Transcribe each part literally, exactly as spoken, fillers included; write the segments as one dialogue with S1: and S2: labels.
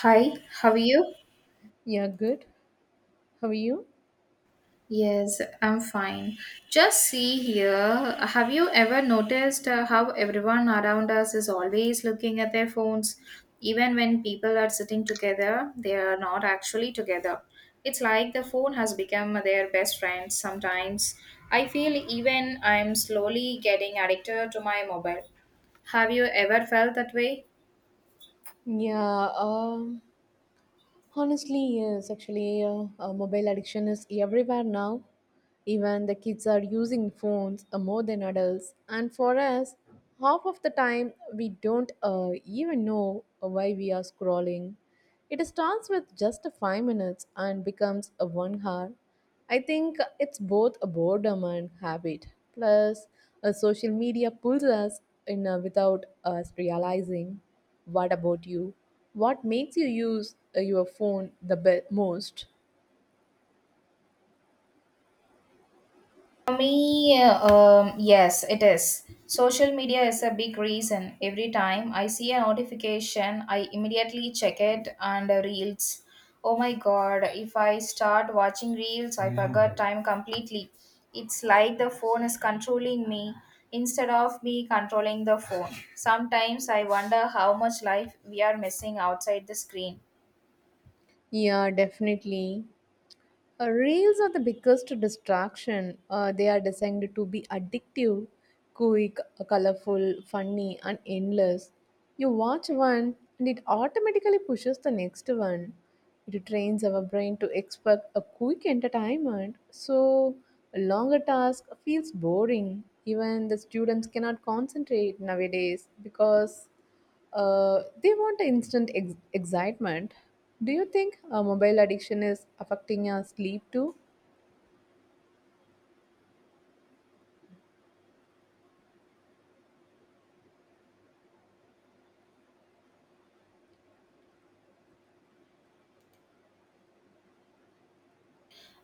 S1: Hi, how are you?
S2: Yeah, good. How are you?
S1: Yes, I'm fine. Just see here. Have you ever noticed uh, how everyone around us is always looking at their phones? Even when people are sitting together, they are not actually together. It's like the phone has become their best friend sometimes. I feel even I'm slowly getting addicted to my mobile. Have you ever felt that way?
S2: Yeah, um, honestly, yes, actually, uh, uh, mobile addiction is everywhere now. Even the kids are using phones uh, more than adults. And for us, half of the time, we don't uh, even know why we are scrolling. It starts with just five minutes and becomes a one hour. I think it's both a boredom and habit. Plus, uh, social media pulls us in uh, without us realizing. What about you? What makes you use uh, your phone the be- most?
S1: For me, uh, um, yes, it is. Social media is a big reason. Every time I see a notification, I immediately check it and uh, reels. Oh my god, if I start watching reels, I forgot time completely. It's like the phone is controlling me instead of me controlling the phone. Sometimes I wonder how much life we are missing outside the screen.
S2: Yeah, definitely. Uh, reels are the biggest distraction. Uh, they are designed to be addictive, quick, colorful, funny, and endless. You watch one and it automatically pushes the next one. It trains our brain to expect a quick entertainment, so a longer task feels boring. Even the students cannot concentrate nowadays because uh, they want instant ex- excitement. Do you think uh, mobile addiction is affecting our sleep too?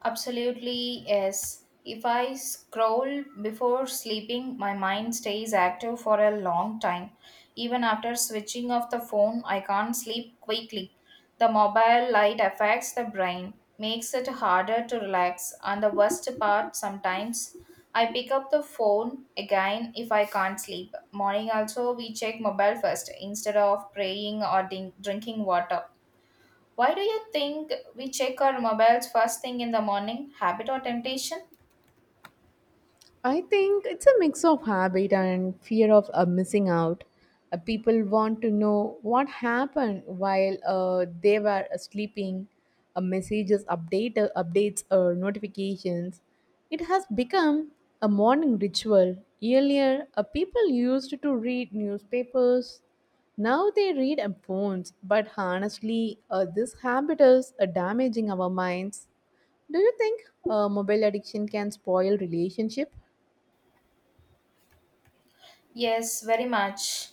S1: Absolutely, yes. If I scroll before sleeping, my mind stays active for a long time. Even after switching off the phone, I can't sleep quickly. The mobile light affects the brain, makes it harder to relax, and the worst part, sometimes I pick up the phone again if I can't sleep. Morning also, we check mobile first instead of praying or din- drinking water. Why do you think we check our mobiles first thing in the morning? Habit or temptation?
S2: I think it's a mix of habit and fear of uh, missing out. Uh, people want to know what happened while uh, they were uh, sleeping, uh, messages, update, uh, updates, or notifications. It has become a morning ritual. Earlier, uh, people used to read newspapers. Now they read on phones. But honestly, uh, this habit is uh, damaging our minds. Do you think uh, mobile addiction can spoil relationship?
S1: Yes, very much.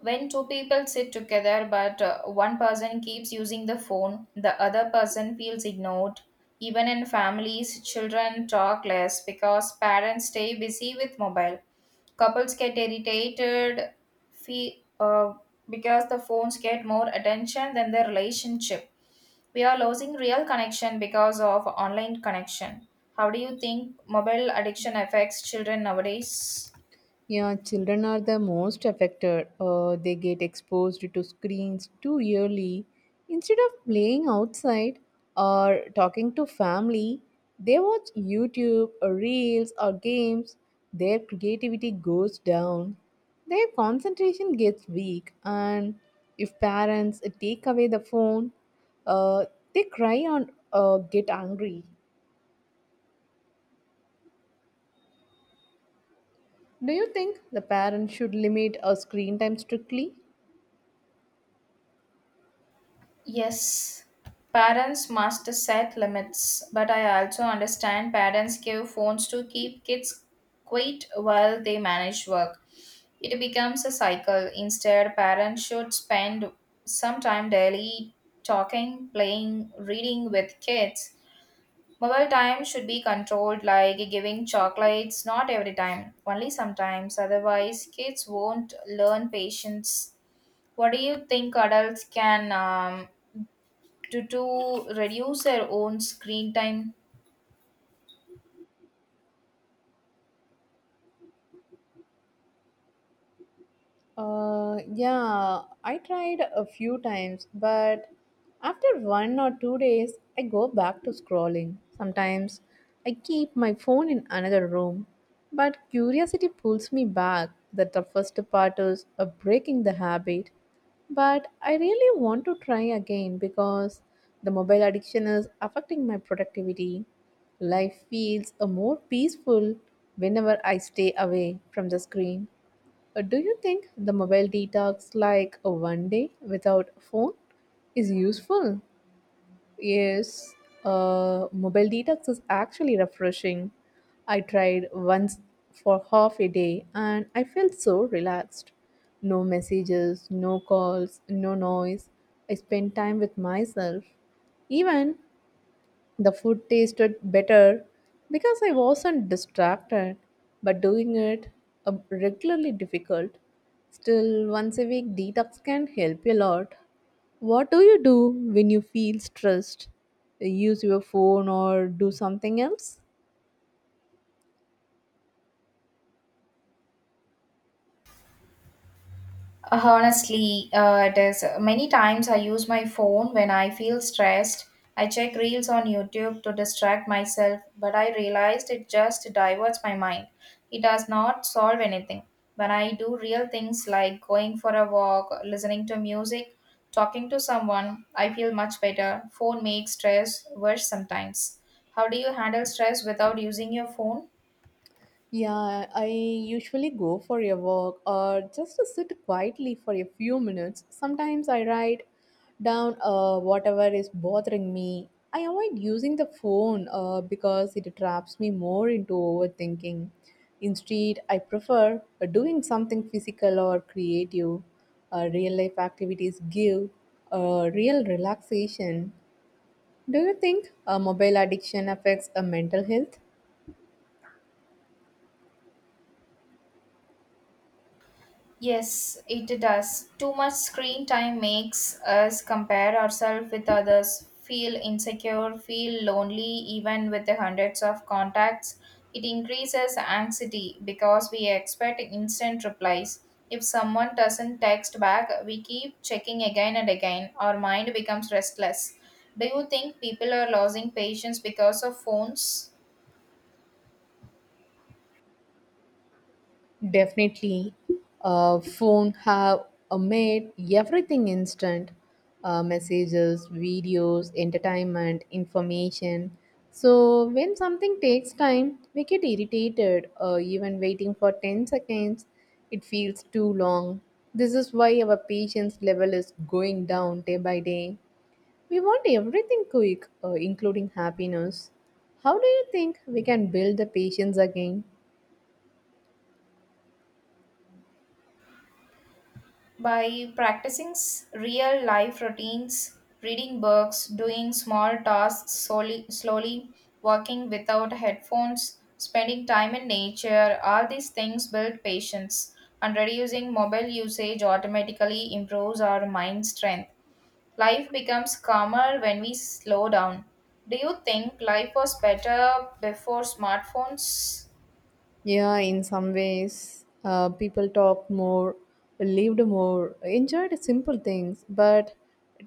S1: When two people sit together but uh, one person keeps using the phone, the other person feels ignored. Even in families, children talk less because parents stay busy with mobile. Couples get irritated fe- uh, because the phones get more attention than the relationship. We are losing real connection because of online connection. How do you think mobile addiction affects children nowadays?
S2: Yeah, children are the most affected. Uh, they get exposed to screens too early. Instead of playing outside or talking to family, they watch YouTube or reels or games. Their creativity goes down. Their concentration gets weak, and if parents take away the phone, uh, they cry and uh, get angry. Do you think the parents should limit uh, screen time strictly?
S1: Yes, parents must set limits, but I also understand parents give phones to keep kids quiet while they manage work. It becomes a cycle. Instead, parents should spend some time daily talking, playing, reading with kids. Mobile time should be controlled, like giving chocolates not every time, only sometimes. Otherwise, kids won't learn patience. What do you think adults can um, do to reduce their own screen time?
S2: Uh, yeah, I tried a few times, but after one or two days, I go back to scrolling. Sometimes I keep my phone in another room, but curiosity pulls me back. That the first part is uh, breaking the habit, but I really want to try again because the mobile addiction is affecting my productivity. Life feels uh, more peaceful whenever I stay away from the screen. Uh, Do you think the mobile detox, like a one day without phone, is useful? Yes, uh, mobile detox is actually refreshing. I tried once for half a day and I felt so relaxed. No messages, no calls, no noise. I spent time with myself. Even the food tasted better because I wasn't distracted, but doing it uh, regularly difficult. Still, once a week detox can help you a lot. What do you do when you feel stressed? Use your phone or do something else?
S1: Uh, Honestly, uh, it is many times I use my phone when I feel stressed. I check reels on YouTube to distract myself, but I realized it just diverts my mind. It does not solve anything. When I do real things like going for a walk, listening to music, talking to someone, I feel much better. Phone makes stress worse sometimes. How do you handle stress without using your phone?
S2: Yeah, I usually go for a walk or just to sit quietly for a few minutes. Sometimes I write down uh, whatever is bothering me. I avoid using the phone uh, because it traps me more into overthinking. Instead, I prefer uh, doing something physical or creative. Uh, real life activities give uh, real relaxation. Do you think uh, mobile addiction affects uh, mental health?
S1: Yes, it does. Too much screen time makes us compare ourselves with others, feel insecure, feel lonely, even with the hundreds of contacts. It increases anxiety because we expect instant replies. If someone doesn't text back, we keep checking again and again. Our mind becomes restless. Do you think people are losing patience because of phones?
S2: Definitely, uh, phone have uh, made everything instant. Uh, messages, videos, entertainment, information. So when something takes time, we get irritated. Uh, even waiting for ten seconds, it feels too long. This is why our patience level is going down day by day. We want everything quick, uh, including happiness. How do you think we can build the patience again?
S1: By practicing s- real life routines, reading books, doing small tasks slowly, slowly, working without headphones, spending time in nature, all these things build patience. And reducing mobile usage automatically improves our mind strength. Life becomes calmer when we slow down. Do you think life was better before smartphones?
S2: Yeah, in some ways, uh, people talked more, lived more, enjoyed simple things, but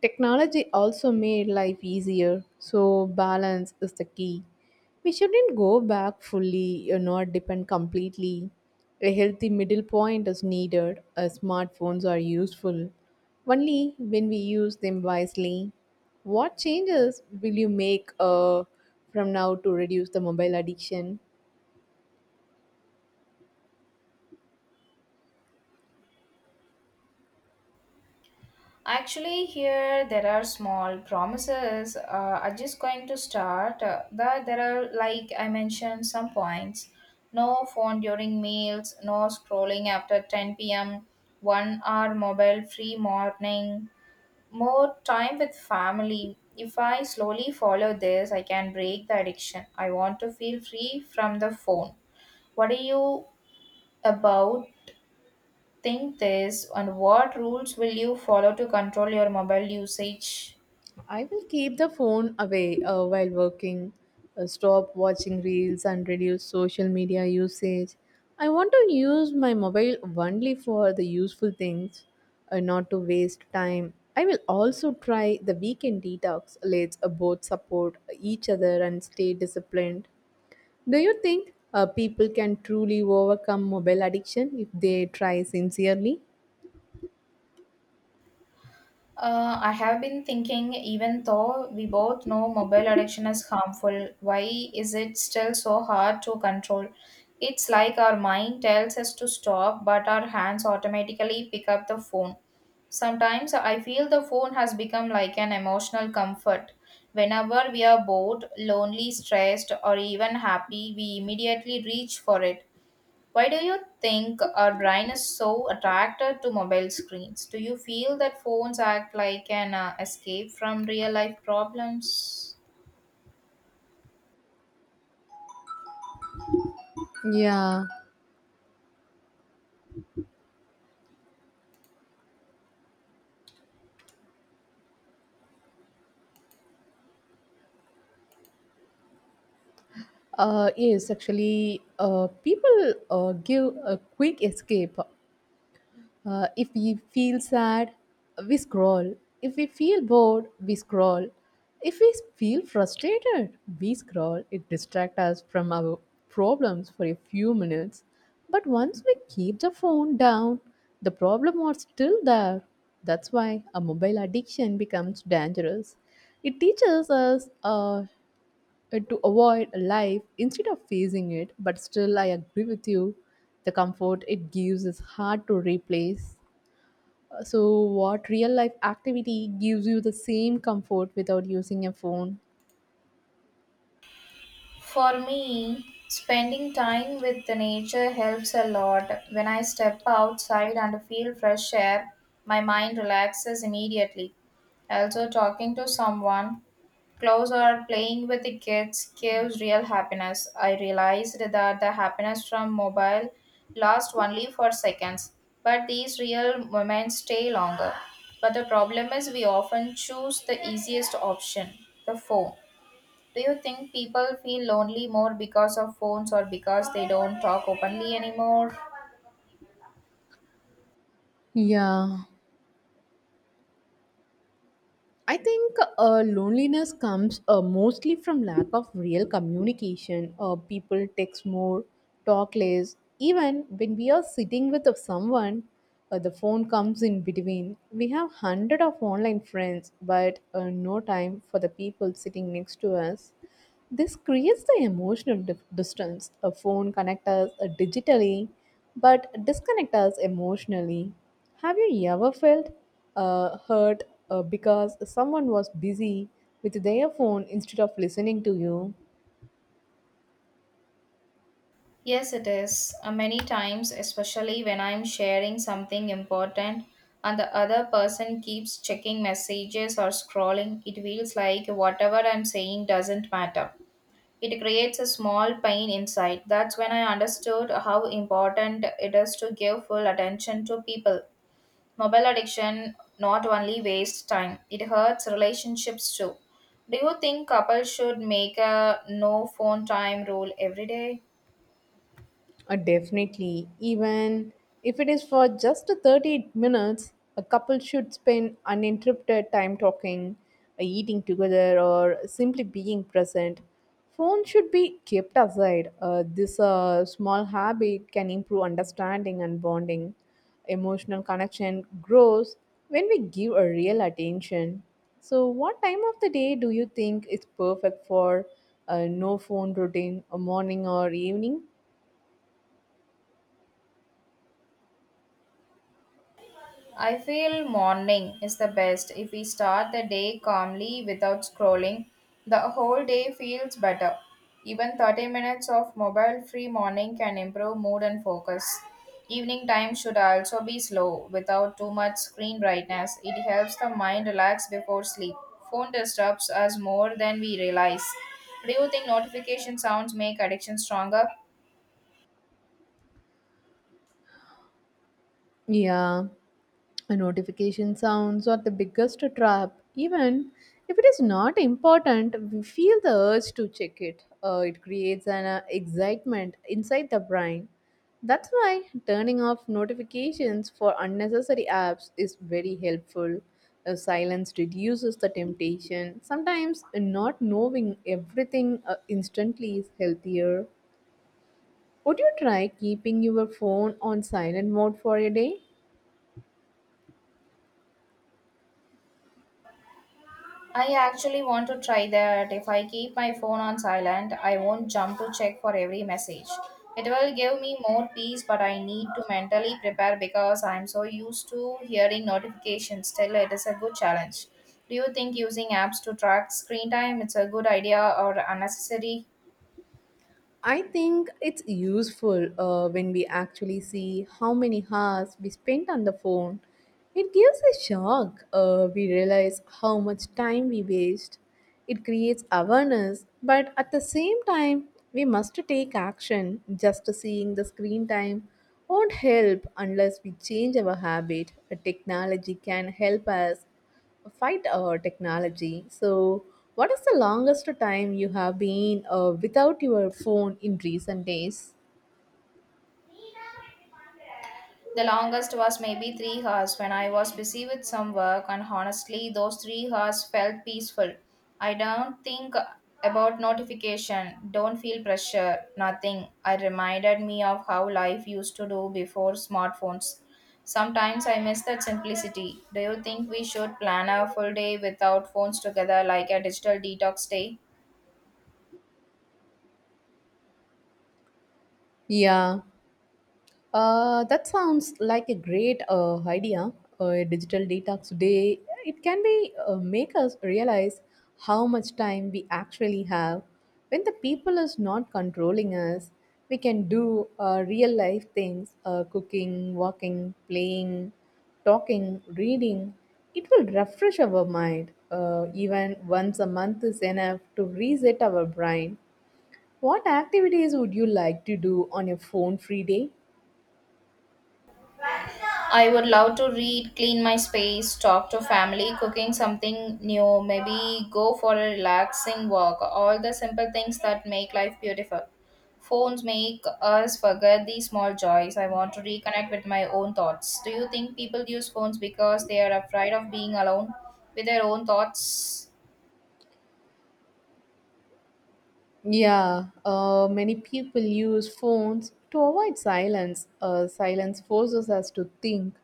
S2: technology also made life easier. So, balance is the key. We shouldn't go back fully or not depend completely. A healthy middle point is needed, as smartphones are useful only when we use them wisely. What changes will you make uh, from now to reduce the mobile addiction?
S1: Actually, here there are small promises. Uh, I'm just going to start. Uh, that there are, like I mentioned, some points. No phone during meals, no scrolling after ten p m, one hour mobile free morning, more time with family. If I slowly follow this, I can break the addiction. I want to feel free from the phone. What are you about? Think this and what rules will you follow to control your mobile usage?
S2: I will keep the phone away uh, while working, uh, stop watching reels, and reduce social media usage. I want to use my mobile only for the useful things, uh, not to waste time. I will also try the weekend detox. Let's uh, both support each other and stay disciplined. Do you think uh, people can truly overcome mobile addiction if they try sincerely?
S1: Uh, I have been thinking, even though we both know mobile addiction is harmful, why is it still so hard to control? It's like our mind tells us to stop, but our hands automatically pick up the phone. Sometimes I feel the phone has become like an emotional comfort. Whenever we are bored, lonely, stressed, or even happy, we immediately reach for it. Why do you think our brain is so attracted to mobile screens? Do you feel that phones act like an uh, escape from real life problems?
S2: Yeah, Uh, yes, actually, uh, people uh, give a quick escape. Uh, if we feel sad, we scroll. If we feel bored, we scroll. If we feel frustrated, we scroll. It distracts us from our problems for a few minutes. But once we keep the phone down, the problem are still there. That's why a mobile addiction becomes dangerous. It teaches us uh, uh, to avoid life instead of facing it, but still, I agree with you. The comfort it gives is hard to replace. Uh, So, what real life activity gives you the same comfort without using a phone?
S1: For me, spending time with the nature helps a lot. When I step outside and feel fresh air, my mind relaxes immediately. Also, talking to someone, clothes or playing with the kids gives real happiness. I realized that the happiness from mobile lasts only for seconds, but these real moments stay longer. But the problem is we often choose the easiest option, the phone. Do you think people feel lonely more because of phones or because they don't talk openly anymore?
S2: Yeah, I think uh, loneliness comes uh, mostly from lack of real communication. Uh, people text more, talk less. Even when we are sitting with someone, uh, the phone comes in between. We have hundred of online friends, but uh, no time for the people sitting next to us. This creates the emotional dif- distance. A phone connects us uh, digitally, but disconnects us emotionally. Have you ever felt uh, hurt uh, because someone was busy with their phone instead of listening to you?
S1: Yes, it is. Uh, many times, especially when I'm sharing something important and the other person keeps checking messages or scrolling, it feels like whatever I'm saying doesn't matter. It creates a small pain inside. That's when I understood how important it is to give full attention to people. Mobile addiction not only wastes time, it hurts relationships too. Do you think couples should make a no phone time rule every day?
S2: Uh, definitely, even if it is for just thirty minutes, a couple should spend uninterrupted time talking, uh, eating together, or simply being present. Phone should be kept aside. Uh, this uh, small habit can improve understanding and bonding. Emotional connection grows when we give a real attention. So, what time of the day do you think is perfect for a no phone routine, a morning or evening?
S1: I feel morning is the best. If we start the day calmly without scrolling, the whole day feels better. Even thirty minutes of mobile free morning can improve mood and focus. Evening time should also be slow without too much screen brightness. It helps the mind relax before sleep. Phone disturbs us more than we realize. Do you think notification sounds make addiction stronger?
S2: Yeah, a notification sounds are the biggest trap. Even if it is not important, we feel the urge to check it. Uh, it creates an uh, excitement inside the brain. That's why turning off notifications for unnecessary apps is very helpful. Uh, silence reduces the temptation. Sometimes not knowing everything uh, instantly is healthier. Would you try keeping your phone on silent mode for a day?
S1: I actually want to try that. If I keep my phone on silent, I won't jump to check for every message. It will give me more peace, but I need to mentally prepare because I'm so used to hearing notifications. Still, it is a good challenge. Do you think using apps to track screen time is a good idea or unnecessary?
S2: I think it's useful uh, when we actually see how many hours we spent on the phone. It gives a shock. Uh, we realize how much time we waste. It creates awareness, but at the same time, we must take action. Just seeing the screen time won't help unless we change our habit. Uh, Technology can help us fight uh, technology. So, what is the longest time you have been uh, without your phone in recent days?
S1: The longest was maybe three hours when I was busy with some work, and honestly, those three hours felt peaceful. I don't think about notification, don't feel pressure, nothing. I reminded me of how life used to do before smartphones. Sometimes I miss that simplicity. Do you think we should plan a full day without phones together, like a digital detox day?
S2: Yeah. Uh, that sounds like a great uh, idea. uh, A digital detox day. It can be uh, make us realize how much time we actually have. When the people is not controlling us, we can do uh, real life things: uh, cooking, walking, playing, talking, reading. It will refresh our mind. Uh, even once a month is enough to reset our brain. What activities would you like to do on your phone free day?
S1: I would love to read, clean my space, talk to family, cooking something new, maybe go for a relaxing walk, all the simple things that make life beautiful. Phones make us forget these small joys. I want to reconnect with my own thoughts. Do you think people use phones because they are afraid of being alone with their own thoughts?
S2: Yeah, uh, many people use phones to avoid silence. Uh, silence forces us to think,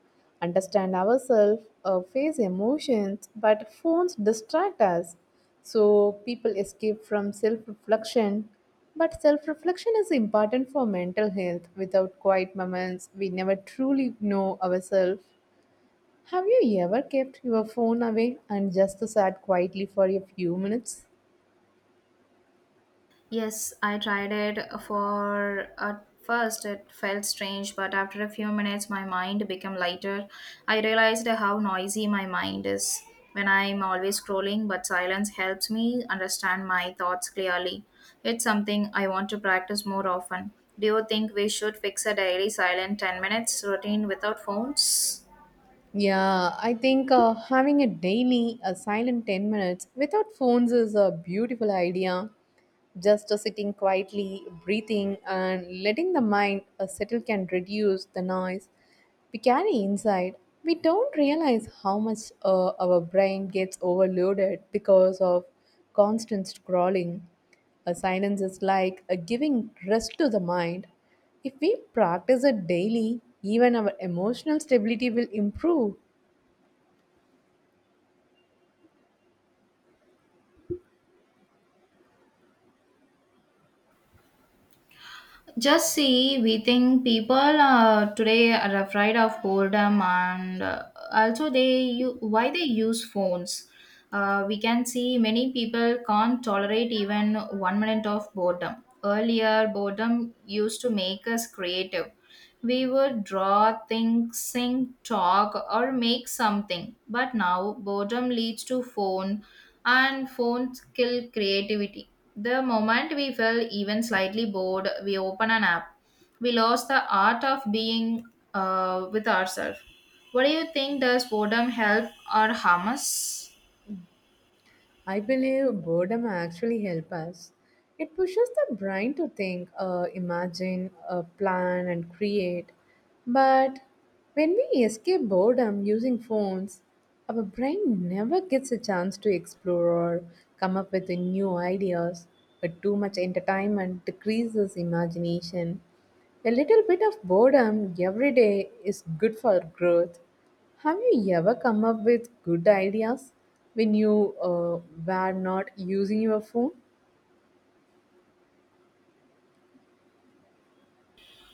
S2: understand ourselves, uh, face emotions, but phones distract us. So people escape from self reflection. But self reflection is important for mental health. Without quiet moments, we never truly know ourselves. Have you ever kept your phone away and just sat quietly for a few minutes?
S1: Yes, I tried it for at first it felt strange, but after a few minutes my mind became lighter. I realized how noisy my mind is when I'm always scrolling, but silence helps me understand my thoughts clearly. It's something I want to practice more often. Do you think we should fix a daily silent ten minutes routine without phones?
S2: Yeah, I think uh, having a daily a silent ten minutes without phones is a beautiful idea. Just uh, sitting quietly, breathing, and letting the mind uh, settle can reduce the noise we carry inside. We don't realize how much uh, our brain gets overloaded because of constant scrolling. A silence is like a giving rest to the mind. If we practice it daily, even our emotional stability will improve.
S1: Just see, we think people uh, today are afraid of boredom and uh, also they u- why they use phones. Uh, we can see many people can't tolerate even one minute of boredom. Earlier, boredom used to make us creative. We would draw, think, sing, talk, or make something. But now, boredom leads to phone, and phones kill creativity the moment we felt even slightly bored, we open an app. We lost the art of being uh, with ourselves. What do you think, does boredom help or harm us?
S2: I believe boredom actually helps us. It pushes the brain to think, uh, imagine, uh, plan, and create. But when we escape boredom using phones, our brain never gets a chance to explore or come up with new ideas. But too much entertainment decreases imagination. A little bit of boredom every day is good for growth. Have you ever come up with good ideas when you uh, were not using your phone?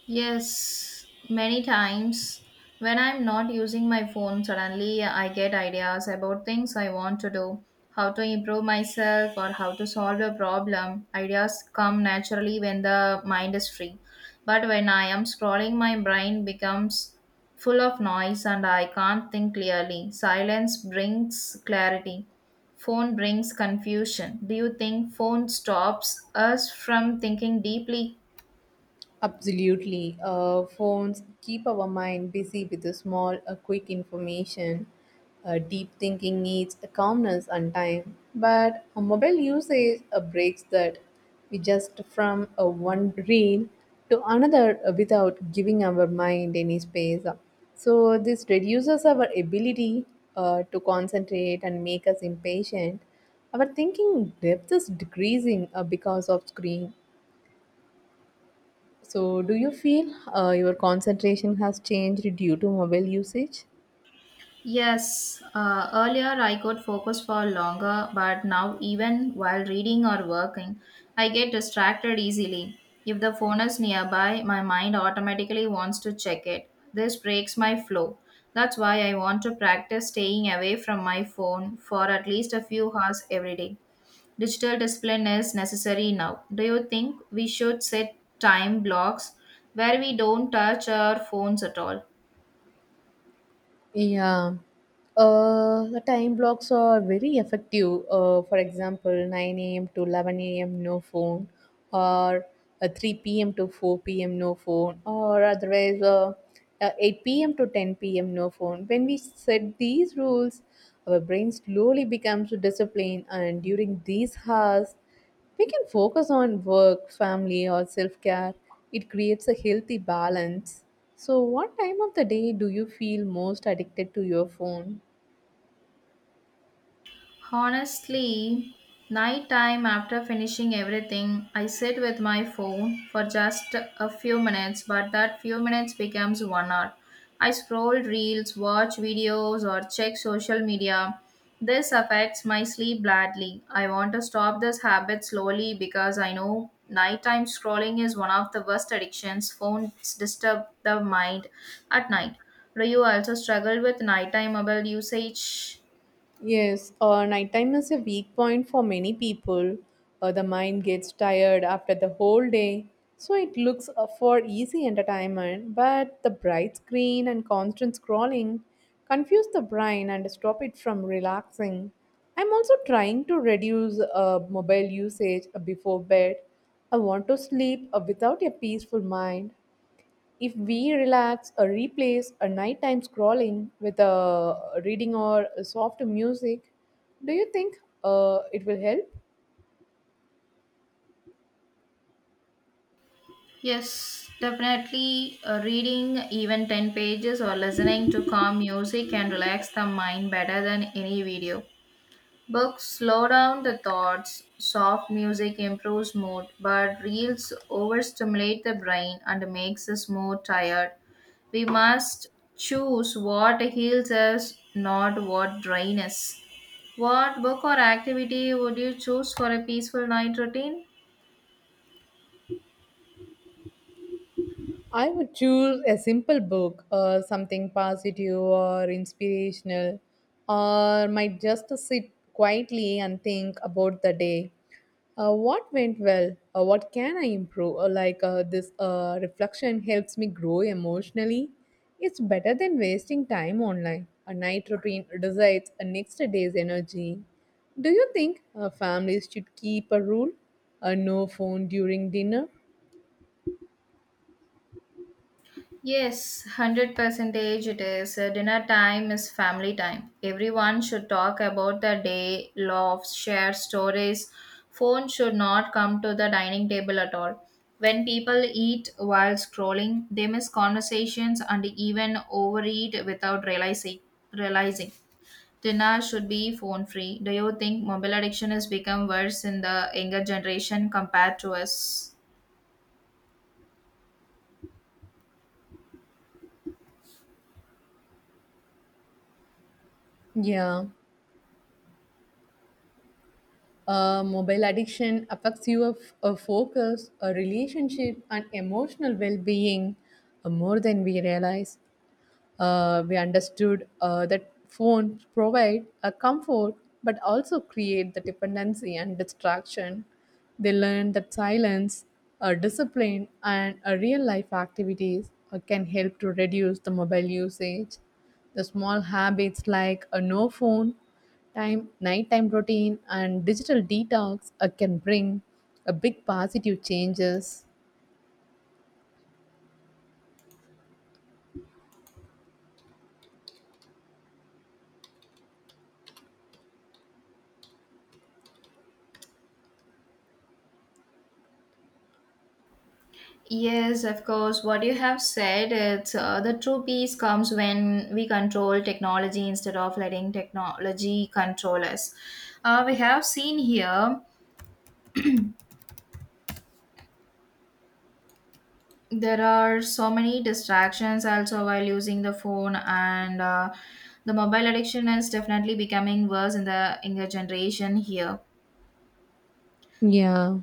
S1: Yes, many times when I'm not using my phone, suddenly I get ideas about things I want to do, how to improve myself, or how to solve a problem. Ideas come naturally when the mind is free. But when I am scrolling, my brain becomes full of noise and I can't think clearly. Silence brings clarity. Phone brings confusion. Do you think phone stops us from thinking deeply?
S2: Absolutely. Uh, phones keep our mind busy with the small, uh, quick information. Uh, deep thinking needs a calmness and time. But a mobile usage uh, breaks that. We just from uh, one reel to another uh, without giving our mind any space. So this reduces our ability uh, to concentrate and make us impatient. Our thinking depth is decreasing uh, because of screen. So, do you feel uh, your concentration has changed due to mobile usage?
S1: Yes, uh, earlier I could focus for longer, but now, even while reading or working, I get distracted easily. If the phone is nearby, my mind automatically wants to check it. This breaks my flow. That's why I want to practice staying away from my phone for at least a few hours every day. Digital discipline is necessary now. Do you think we should set time blocks where we don't touch our phones at all?
S2: Yeah. Uh, the time blocks are very effective. Uh, for example, nine a m to eleven a m no phone, or uh, three p m to four p m no phone, or otherwise uh, uh, eight p m to ten p m no phone. When we set these rules, our brain slowly becomes disciplined, and during these hours, we can focus on work, family, or self care. It creates a healthy balance. So, what time of the day do you feel most addicted to your phone?
S1: Honestly, nighttime, after finishing everything, I sit with my phone for just a few minutes, but that few minutes becomes one hour. I scroll reels, watch videos, or check social media. This affects my sleep badly. I want to stop this habit slowly because I know nighttime scrolling is one of the worst addictions. Phones disturb the mind at night. Do you also struggle with nighttime mobile usage?
S2: Yes, uh, nighttime is a weak point for many people. Uh, the mind gets tired after the whole day, so it looks uh, for easy entertainment. But the bright screen and constant scrolling confuse the brain and stop it from relaxing. I'm also trying to reduce uh, mobile usage uh, before bed. I want to sleep uh, without a peaceful mind if we relax or replace a nighttime scrolling with a reading or a soft music, do you think uh, it will help?
S1: Yes, definitely uh, reading even ten pages or listening to calm music can relax the mind better than any video. Books slow down the thoughts, soft music improves mood, but reels overstimulate the brain and makes us more tired. We must choose what heals us, not what drains us. What book or activity would you choose for a peaceful night routine?
S2: I would choose a simple book, uh, something positive or inspirational, or might just sit quietly and think about the day. Uh, what went well? Uh, what can I improve? Or like uh, this uh, reflection helps me grow emotionally. It's better than wasting time online. A night routine decides a next day's energy. Do you think uh, families should keep a rule? A no phone during dinner?
S1: Yes, one hundred percent it is. Uh, Dinner time is family time. Everyone should talk about the day, laughs, share stories. Phone should not come to the dining table at all. When people eat while scrolling, they miss conversations and even overeat without realizing. realizing. Dinner should be phone free. Do you think mobile addiction has become worse in the younger generation compared to us?
S2: Yeah, Uh, mobile addiction affects your f- uh, focus, a relationship, and emotional well being more than we realize. Uh, we understood uh, that phones provide a comfort but also create the dependency and distraction. They learn that silence, uh, discipline, and uh, real life activities uh, can help to reduce the mobile usage. The small habits like a no phone time, nighttime routine, and digital detox uh, can bring a big positive changes.
S1: Yes, of course. What you have said, it's uh, the true peace comes when we control technology instead of letting technology control us. Uh, we have seen here there are so many distractions also while using the phone, and uh, the mobile addiction is definitely becoming worse in the younger generation here.
S2: Yeah,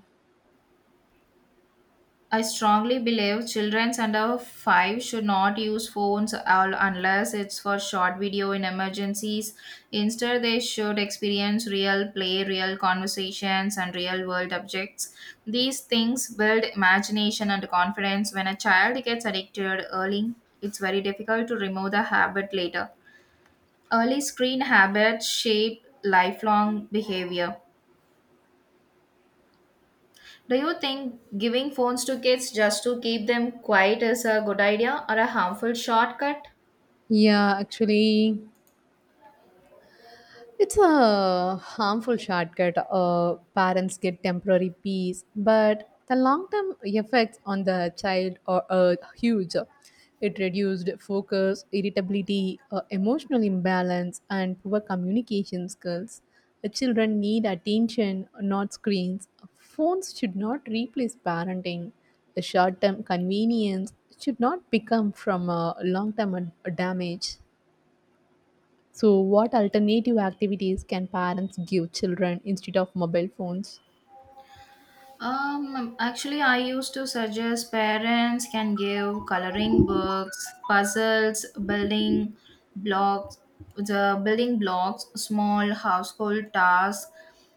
S1: I strongly believe children under five should not use phones all unless it's for short video in emergencies. Instead, they should experience real play, real conversations, and real world objects. These things build imagination and confidence. When a child gets addicted early, it's very difficult to remove the habit later. Early screen habits shape lifelong behavior. Do you think giving phones to kids just to keep them quiet is a good idea or a harmful shortcut?
S2: yeah, actually, it's a harmful shortcut. Uh, parents get temporary peace, but the long term effects on the child are uh, huge. It reduced focus, irritability, uh, emotional imbalance, and poor communication skills. The children need attention, not screens. Phones should not replace parenting. The short term convenience should not become from a long term damage. So, what alternative activities can parents give children instead of mobile phones?
S1: Um, actually, I used to suggest parents can give coloring books, puzzles, building blocks, the building blocks, small household tasks,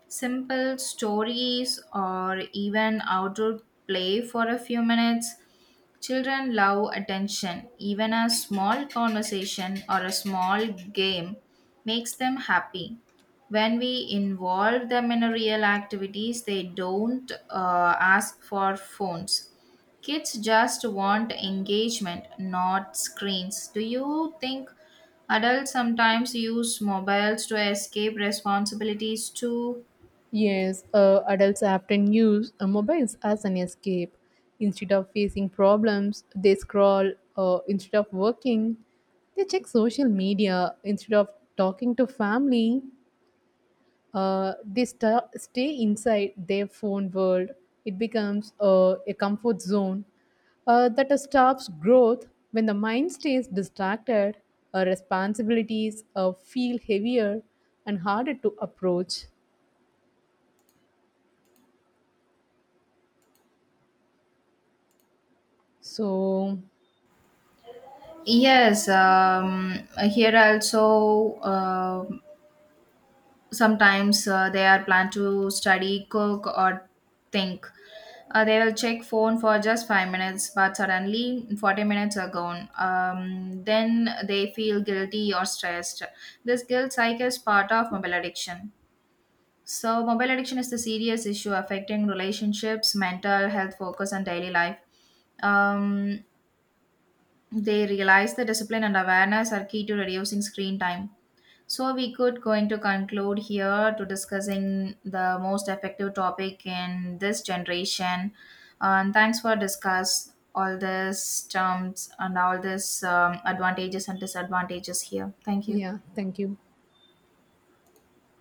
S1: simple stories, or even outdoor play for a few minutes. Children love attention. Even a small conversation or a small game makes them happy. When we involve them in a real activities they don't uh, ask for phones. Kids just want engagement, not screens. Do you think adults sometimes use mobiles to escape responsibilities too?
S2: Yes, uh, adults often use uh, mobiles as an escape. Instead of facing problems, they scroll. Uh, instead of working, they check social media. Instead of talking to family, uh, they sta stay inside their phone world. It becomes uh, a comfort zone uh, that stops growth when the mind stays distracted. Uh, responsibilities uh, feel heavier and harder to approach. So,
S1: Yes, um, here also, uh, sometimes uh, they are planned to study, cook or think uh, they will check phone for just five minutes, but suddenly forty minutes are gone. Um, then they feel guilty or stressed. This guilt cycle is part of mobile addiction. So mobile addiction is the serious issue affecting relationships, mental health, focus and daily life. um, they realize that discipline and awareness are key to reducing screen time. So we could going to conclude here to discussing the most effective topic in this generation. Uh, And thanks for discuss all these terms and all these um, advantages and disadvantages here. Thank you.
S2: yeah, thank you.